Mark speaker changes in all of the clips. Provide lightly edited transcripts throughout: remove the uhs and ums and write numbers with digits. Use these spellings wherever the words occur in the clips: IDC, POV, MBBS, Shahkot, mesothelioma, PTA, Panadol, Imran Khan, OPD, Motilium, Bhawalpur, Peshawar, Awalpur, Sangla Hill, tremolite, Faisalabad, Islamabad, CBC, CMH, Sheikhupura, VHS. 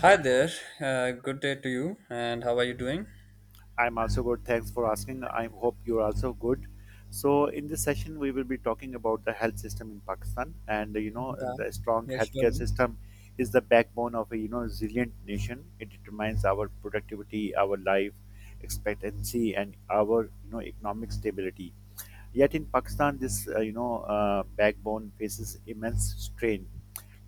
Speaker 1: Hi there. Good day to you. And how are you doing?
Speaker 2: I'm also good. Thanks for asking. I hope you're also good. So, in this session, we will be talking about the health system in Pakistan, and
Speaker 1: Yeah.
Speaker 2: the strong
Speaker 1: Yeah,
Speaker 2: healthcare
Speaker 1: surely.
Speaker 2: system is the backbone of a resilient nation. It determines our productivity, our life expectancy, and our economic stability. Yet in Pakistan, this backbone faces immense strain.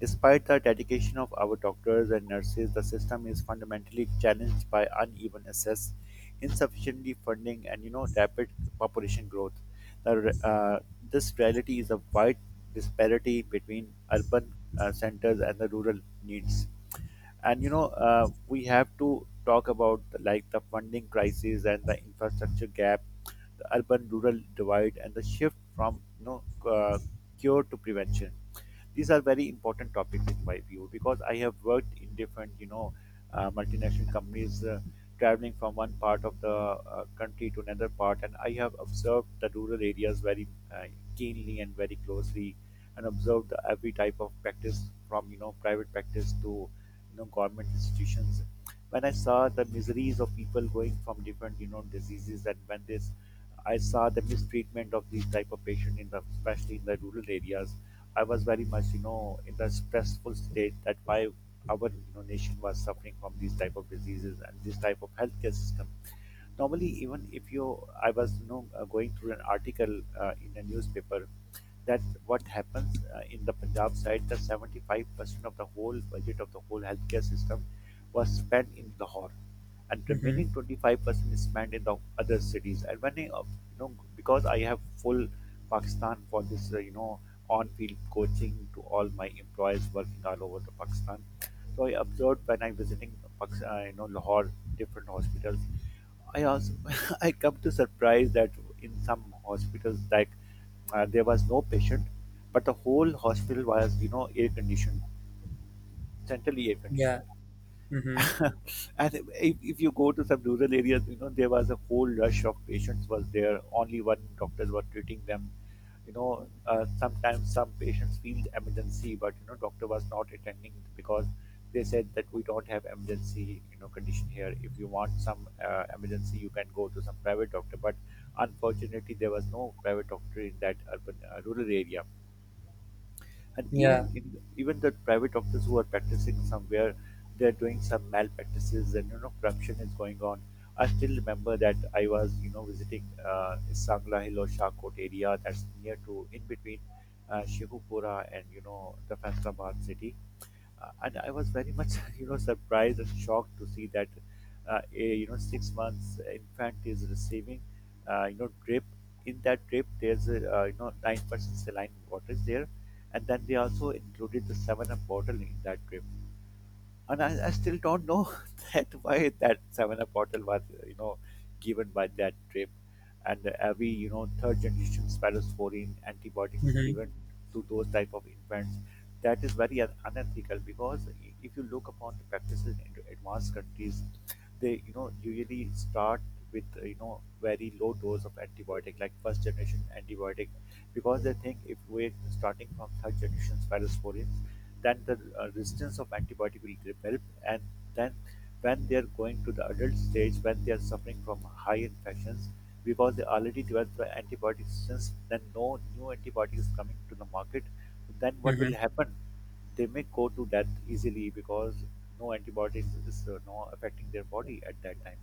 Speaker 2: Despite the dedication of our doctors and nurses, the system is fundamentally challenged by uneven access, insufficiently funding, and rapid population growth. The, uh, this reality is a wide disparity between urban centers and the rural needs, and we have to talk about like the funding crisis and the infrastructure gap, the urban rural divide, and the shift from uh, cure to prevention. These are very important topics in my view because I have worked in different, multinational companies, traveling from one part of the country to another part, and I have observed the rural areas very uh, keenly and very closely, and observed every type of practice from private practice to government institutions. When I saw the miseries of people going from different diseases, and when this I saw the mistreatment of these type of patients in the, especially in the rural areas, I was very much, you know, in the stressful state that why our nation was suffering from these type of diseases and this type of healthcare system normally. Even if you i was going through an article in a newspaper that what happens in the Punjab side, that 75% of the whole budget of the whole healthcare system was spent in Lahore, and
Speaker 1: Mm-hmm.
Speaker 2: remaining 25% is spent in the other cities. And when I, you know because I have full Pakistan for this on field coaching to all my employees working all over the Pakistan, so I observed when I visiting, Lahore, different hospitals. I also I come to surprise that in some hospitals, like, there was no patient, but the whole hospital was air conditioned, centrally air
Speaker 1: Yeah.
Speaker 2: conditioned.
Speaker 1: Mm-hmm.
Speaker 2: And if you go to some rural areas, you know there was a whole rush of patients was there. Only one doctors were treating them. You know, sometimes some patients feel the emergency, but you know doctor was not attending because they said that we don't have emergency condition here. If you want some emergency, you can go to some private doctor. But unfortunately, there was no private doctor in that urban rural area. And
Speaker 1: Yeah.
Speaker 2: even the private doctors who are practicing somewhere, they're doing some malpractices and you know corruption is going on. I still remember that I was visiting uh, Sangla Hill or Shahkot area, that's near to in between Sheikhupura and the Faisalabad city. And I was very much you know surprised and shocked to see that a you know 6 months infant is receiving drip. In that drip, there's a, you know 9% saline water is there, and then they also included the Seven Up bottle in that drip. And I still don't know that why that Seven Up bottle was given by that trip. And every you know third generation spirosporin antibiotic is
Speaker 1: Mm-hmm.
Speaker 2: given to those type of infants. That is very unethical, because if you look upon the practices in advanced countries, they you know usually start with very low dose of antibiotic, like first generation antibiotic, because they think if we're starting from third generation spirosporin, then the resistance of antibiotic will develop, and then when they are going to the adult stage, when they are suffering from high infections, because they already developed the antibiotic resistance, then no new antibiotic is coming to the market, then what
Speaker 1: Mm-hmm.
Speaker 2: will happen, they may go to death easily because no antibiotics is no affecting their body at that time.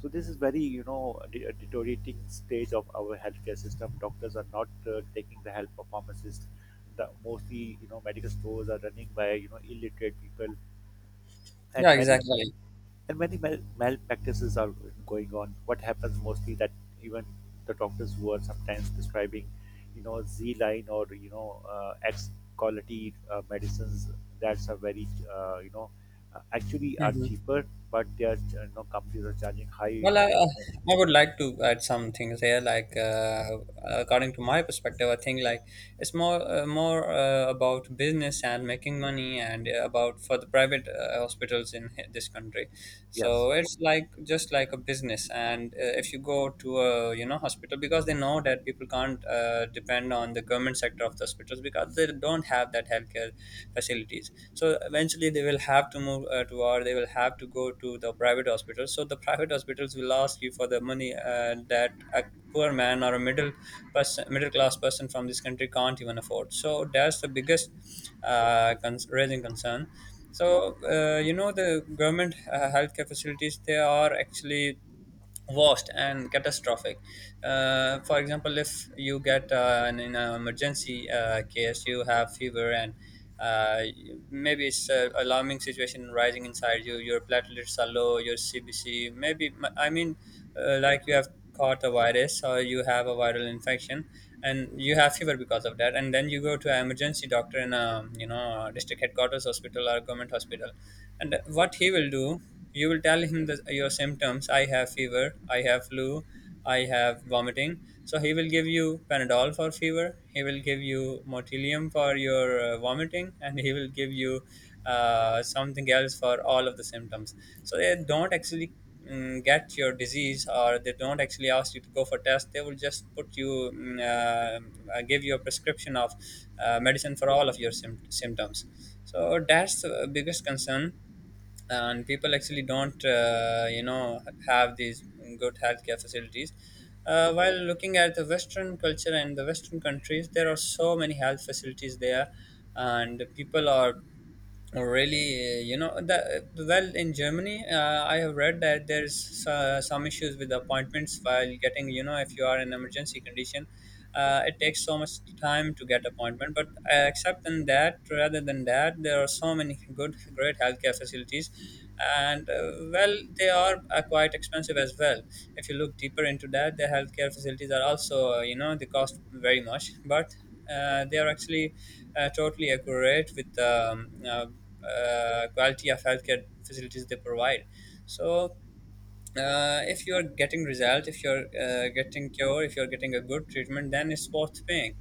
Speaker 2: So this is very, you know, a deteriorating stage of our healthcare system. Doctors are not taking the help of pharmacists. The mostly, you know, medical stores are running by, you know, illiterate people,
Speaker 1: Yeah,
Speaker 2: and
Speaker 1: exactly.
Speaker 2: and many malpractices are going on. What happens mostly that even the doctors who are sometimes prescribing, you know, Z line or you know, X quality medicines, that's are very, actually are
Speaker 1: Mm-hmm.
Speaker 2: cheaper, but they are, you know, companies are charging
Speaker 1: Well,
Speaker 2: high.
Speaker 1: I, uh, I would like to add some things here. According to my perspective, I think it's more more about business and making money, and about for the private hospitals in this country. So
Speaker 2: Yes.
Speaker 1: it's like just like a business, and if you go to a hospital because they know that people can't depend on the government sector of the hospitals because they don't have that healthcare facilities, so eventually they will have to move to, or they will have to go to the private hospitals, so the private hospitals will ask you for the money that a poor man or a middle class person from this country can't even afford, so that's the biggest raising concern. So the government healthcare facilities, they are actually vast and catastrophic. For example, if you get in an emergency case, you have fever, and uh, maybe it's a alarming situation rising inside you. Your platelets are low. Your CBC, maybe I mean like you have caught a virus or you have a viral infection, and you have fever because of that, and then you go to emergency doctor in a district headquarters hospital or government hospital. And what he will do, you will tell him your symptoms. I have fever. I have flu. I have vomiting. So he will give you Panadol for fever. He will give you Motilium for your vomiting, and he will give you something else for all of the symptoms. So they don't actually get your disease, or they don't actually ask you to go for tests. They will just give you a prescription of medicine for all of your symptoms. So that's the biggest concern, and people actually don't have these good healthcare facilities. While looking at the western culture and the western countries, there are so many health facilities there, and people are. Oh, really, that well, in Germany, I have read that there's some issues with appointments while getting. You know, if you are in emergency condition, it takes so much time to get appointment. But except than that, rather than that, there are so many good, great healthcare facilities, and well, they are quite expensive as well. If you look deeper into that, the healthcare facilities are also, they cost very much, but they are actually totally accurate with the quality of healthcare facilities they provide. So if you're getting result, if you're getting cure, if you're getting a good treatment, then it's worth paying.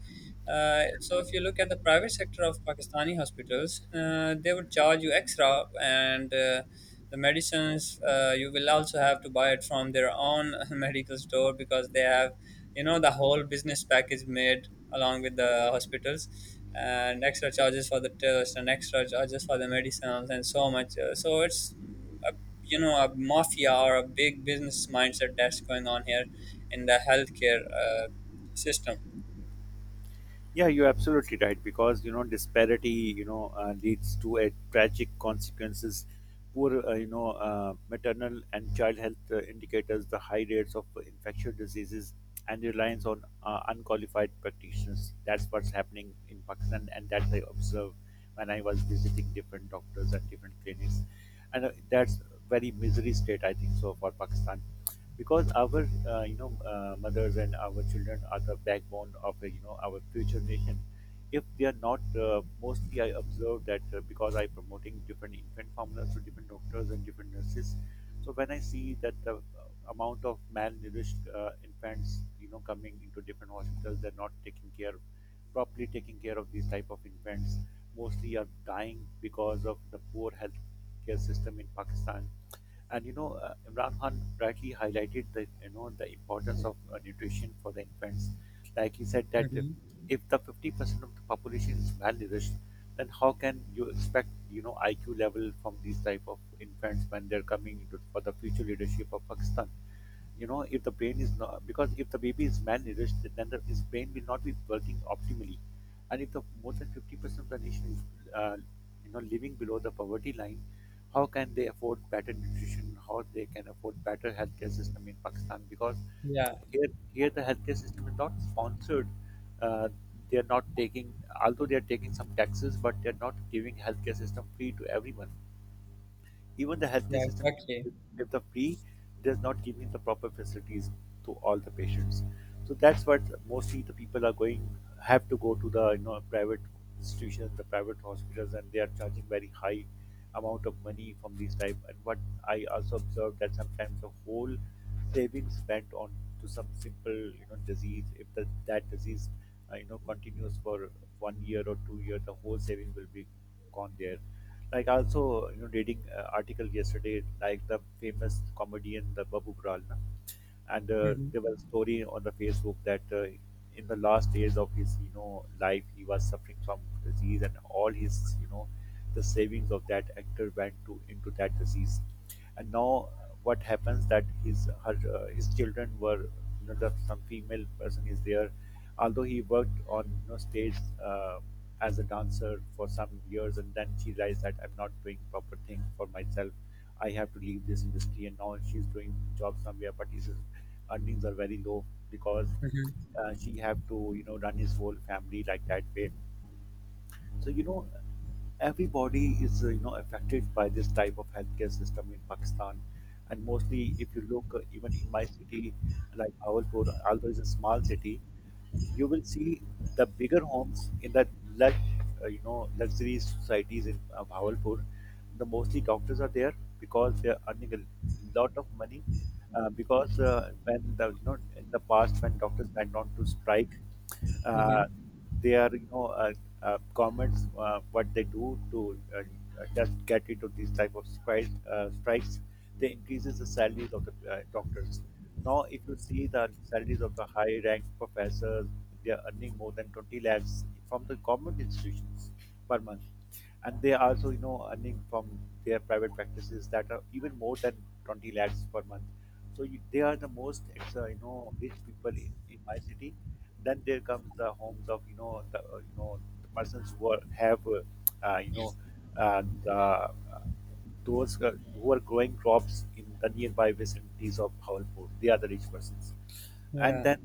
Speaker 1: So if you look at the private sector of Pakistani hospitals, they would charge you extra, and the medicines you will also have to buy it from their own medical store because they have, you know, the whole business package made along with the hospitals, and extra charges for the test and extra charges for the medicines and so much. So it's a mafia or a big business mindset that's going on here in the healthcare system.
Speaker 2: Yeah, you're absolutely right because you know disparity, leads to a tragic consequences. Poor, maternal and child health indicators, the high rates of infectious diseases, and reliance on unqualified practitioners. That's what's happening in Pakistan, and that I observed when I was visiting different doctors and different clinics, and that's very misery state I think so for Pakistan. Because our mothers and our children are the backbone of our future nation. If they are not mostly I observe that because I promoting different infant formulas to different doctors and different nurses, so when I see that the uh, amount of malnourished infants you know coming into different hospitals, they're not taking care, properly taking care of these type of infants, mostly are dying because of the poor health care system in Pakistan. And you know, Imran Khan rightly highlighted the you know the importance of nutrition for the infants. Like he said that
Speaker 1: Hmm.
Speaker 2: if the 50% of the population is malnourished, then how can you expect you know IQ level from these type of infants when they're coming into, for the future leadership of Pakistan? You know if the brain is not, because if the baby is malnourished then his brain will not be working optimally. And if the more than 50% of the nation is living below the poverty line, how can they afford better nutrition, how they can afford better healthcare system in Pakistan, because
Speaker 1: Yeah.
Speaker 2: here, here the healthcare system is not sponsored. uh, they are not taking, although they are taking some taxes, but they are not giving healthcare system free to everyone. Even the healthcare
Speaker 1: Yeah,
Speaker 2: system,
Speaker 1: exactly.
Speaker 2: if the free, does not give me the proper facilities to all the patients. So that's what mostly the people are going, have to go to the you know private institutions, the private hospitals, and they are charging very high amount of money from these type. And what I also observed that sometimes the whole savings spent on to some simple you know disease, if the, that disease continues for one year or 2 years, the whole saving will be gone there. Like also you know reading article yesterday, like the famous comedian, the Babu Gral, and
Speaker 1: Hmm.
Speaker 2: there was a story on the Facebook that in the last days of his you know life, he was suffering from disease and all his you know the savings of that actor went to into that disease. And now what happens that his children were you know some female person is there, although he worked on you know stage uh, as a dancer for some years, and then she realized that I'm not doing proper thing for myself, I have to leave this industry, and now she's doing job somewhere but this is earnings are very low, because
Speaker 1: Hmm.
Speaker 2: she have to you know run his whole family like that way. So you know everybody is affected by this type of healthcare system in Pakistan. And mostly if you look even in my city, like Awalpur, although it's a small city, you will see the bigger homes in the lush, luxury societies in Bhawalpur. The mostly doctors are there because they are earning a lot of money. Because when the you know in the past when doctors went on to strike, uh,
Speaker 1: Hmm.
Speaker 2: they are you know governments what they do to just get rid of these type of strikes. Strikes, they increases the salaries of the doctors. Now, if you see the salaries of the high-ranked professors, they are earning more than 20 lakhs from the government institutions per month, and they are also, you know, earning from their private practices that are even more than 20 lakhs per month. So you, they are the most, you know, rich people in my city. Then there comes the homes of, the persons who have, uh, you know, uh, the, uh, those who are growing crops in the nearby vicinities of Bhawanpur. They are the rich persons. And
Speaker 1: Yeah.
Speaker 2: then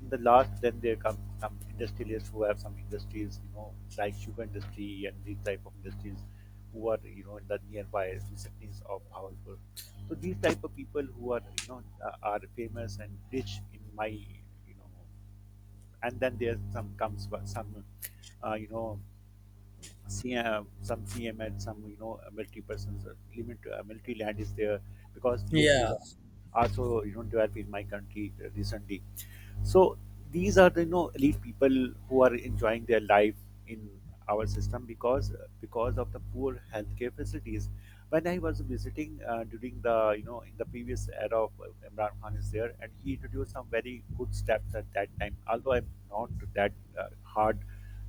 Speaker 2: in the last, then there come some industrialists who have some industries, you know, like sugar industry and these type of industries who are, you know, in the nearby vicinities of Bhawanpur. So these type of people who are are famous and rich in my, and then there some comes wa- some you know CM, some C M CMH, some you know military persons limit multi land is there because VHS
Speaker 1: Yeah,
Speaker 2: are also you know developed in my country recently. So these are the you know elite people who are enjoying their life in our system because of the poor healthcare facilities. When I was visiting during the in the previous era of Imran Khan is there, and he introduced some very good steps at that time. Although I'm not that hard,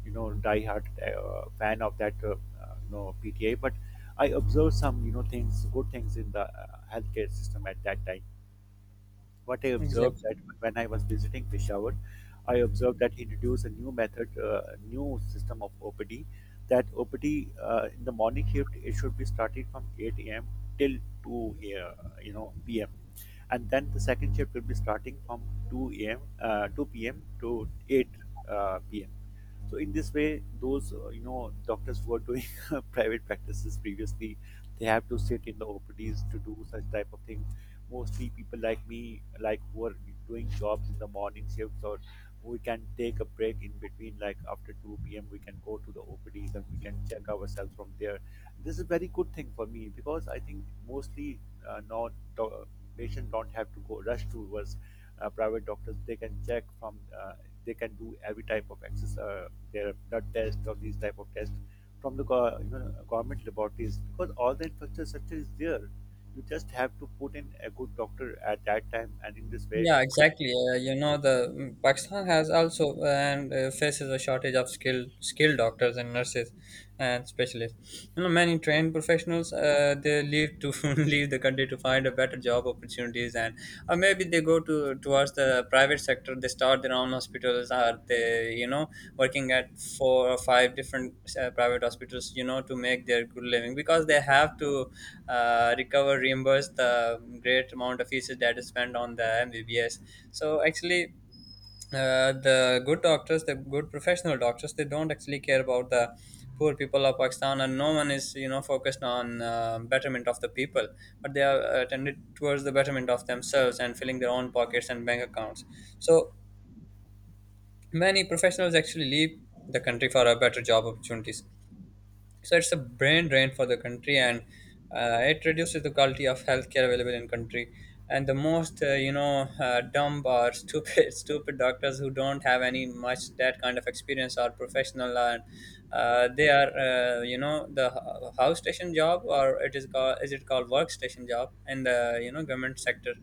Speaker 2: you know, die-hard fan of that, you know, PTA, but I observed some you know things good things in the healthcare system at that time. What I observed, that
Speaker 1: exactly.
Speaker 2: when I was visiting Peshawar, I observed that he introduced a new method, new system of OPD. That OPD, in the morning shift, it should be started from 8 a.m. till 2, p.m, and then the second shift will be starting from 2 a.m. Uh, 2 p.m. to 8 p.m. So in this way, those doctors who are doing private practices previously, they have to sit in the OPDs to do such type of things. Mostly people like me, like who are doing jobs in the morning shifts, or we can take a break in between, like after 2 p.m. we can go to the OPDs and we can check ourselves from there. This is very good thing for me because I think mostly not do- patient don't have to go rush towards private doctors. They can check from they can do every type of access their blood test or these type of tests from the government laboratories because all the infrastructure is there. You just have to put in a good doctor at that time, and in this way,
Speaker 1: Yeah, exactly. The Pakistan has also and faces a shortage of skilled doctors and nurses and specialists. You know, many trained professionals, they leave to leave the country to find a better job opportunities, and or maybe they go to towards the private sector. They start their own hospitals, or they, you know, working at four or five different private hospitals, you know, to make their good living, because they have to recover reimburse the great amount of fees that is spent on the mbbs. So actually, the good doctors, the good professional doctors, they don't actually care about the poor people of Pakistan, and no one is, you know, focused on betterment of the people, but they are tended towards the betterment of themselves and filling their own pockets and bank accounts. So many professionals actually leave the country for a better job opportunities. So it's a brain drain for the country, and it reduces the quality of healthcare available in country. And the most dumb or stupid stupid doctors, who don't have any much that kind of experience or professional, and they are the house station job, or it is called, is it called workstation job, in the government sector,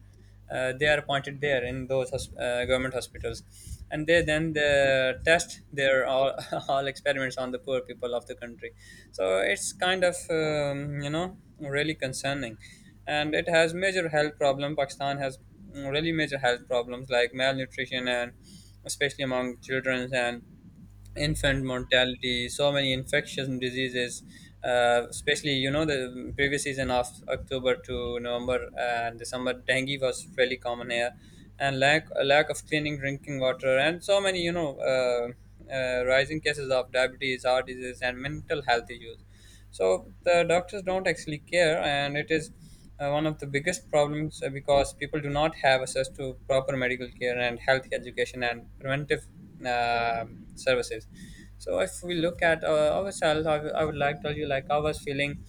Speaker 1: they are appointed there in those government hospitals, and they, then they test their all, all experiments on the poor people of the country. So it's kind of really concerning, and it has major health problem Pakistan has. Really major health problems like malnutrition, and especially among children, and infant mortality, so many infectious diseases, especially you know the previous season of October to November and December, dengue was really common here, and lack of cleaning drinking water, and so many rising cases of diabetes, heart disease, and mental health issues. So the doctors don't actually care, and it is one of the biggest problems, because people do not have access to proper medical care and health education and preventive services. So if we look at ourselves, I would like to tell you, like, I was feeling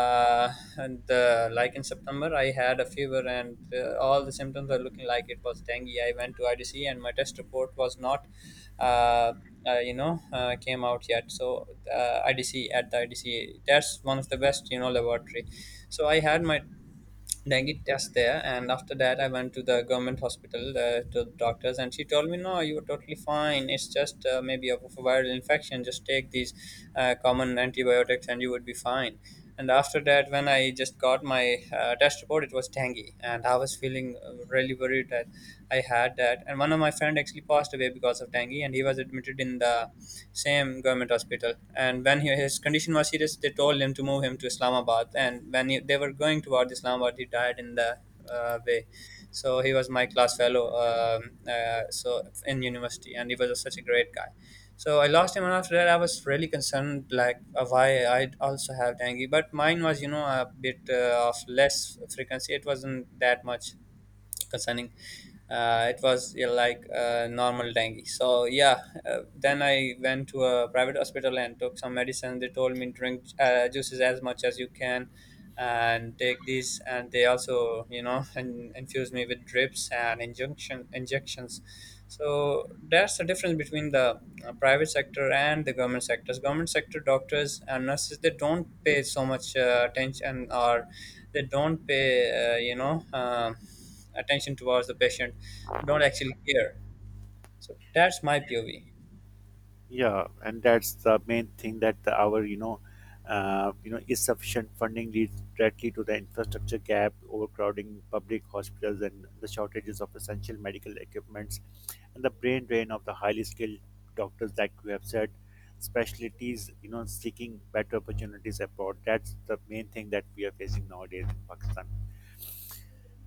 Speaker 1: uh, and like in September, I had a fever, and all the symptoms are looking like it was dengue. I went to IDC, and my test report was not uh, came out yet. So IDC, that's one of the best, you know, laboratory. So I had my dengue test there, and after that I went to the government hospital, to the doctors, and she told me, no, you are totally fine. It's just maybe a of a viral infection. Just take these common antibiotics, and you would be fine. And after that, when I just got my test report, it was dengue. And I was feeling really worried that I had that. And one of my friend actually passed away because of dengue, and he was admitted in the same government hospital. And when he, his condition was serious, they told him to move him to Islamabad. And when he, they were going toward Islamabad, he died in the way. So he was my class fellow, so in university, and he was a such a great guy. So I lost him, and after that, I was really concerned, like, why I also have dengue. But mine was, you know, a bit of less frequency. It wasn't that much concerning. It was, yeah, like a normal dengue. So yeah, then I went to a private hospital and took some medicine. They told me drink juices as much as you can and take these. And they also, you know, and infuse me with drips and injunction injections. So that's the difference between the private sector and the government sectors. Government sector doctors and nurses, they don't pay so much attention, or they don't pay attention towards the patient. Don't actually care. So that's my POV.
Speaker 2: yeah, and that's the main thing, that our insufficient funding leads directly to the infrastructure gap, overcrowding public hospitals, and the shortages of essential medical equipments, and the brain drain of the highly skilled doctors, like you have said, specialties, you know, seeking better opportunities abroad. That's the main thing that we are facing nowadays in Pakistan.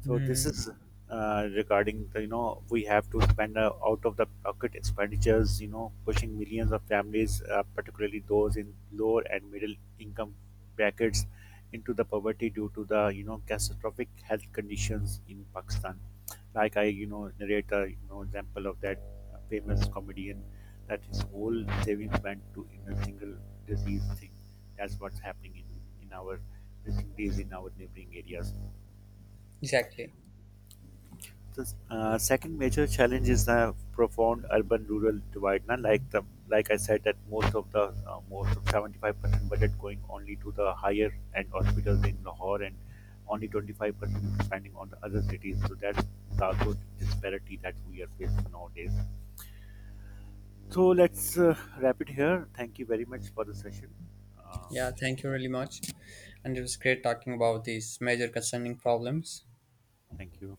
Speaker 2: So this
Speaker 1: Hmm.
Speaker 2: is regarding the you know we have to spend out of the pocket expenditures. You know, pushing millions of families, particularly those in lower and middle income brackets, into the poverty due to the you know catastrophic health conditions in Pakistan. Like I you know narrate the you know example of that famous comedian, that his whole savings went to in a single disease thing. That's what's happening in our cities, in our neighboring areas.
Speaker 1: Exactly.
Speaker 2: The second major challenge is the profound urban-rural divide. Now, like the like I said, that most of the most of 75% budget going only to the higher end hospitals in Lahore, and only 25% spending on the other cities. So that's the also disparity that we are facing nowadays. So let's wrap it here. Thank you very much for the session. Uh,
Speaker 1: Yeah, thank you really much. And it was great talking about these major concerning problems.
Speaker 2: Thank you.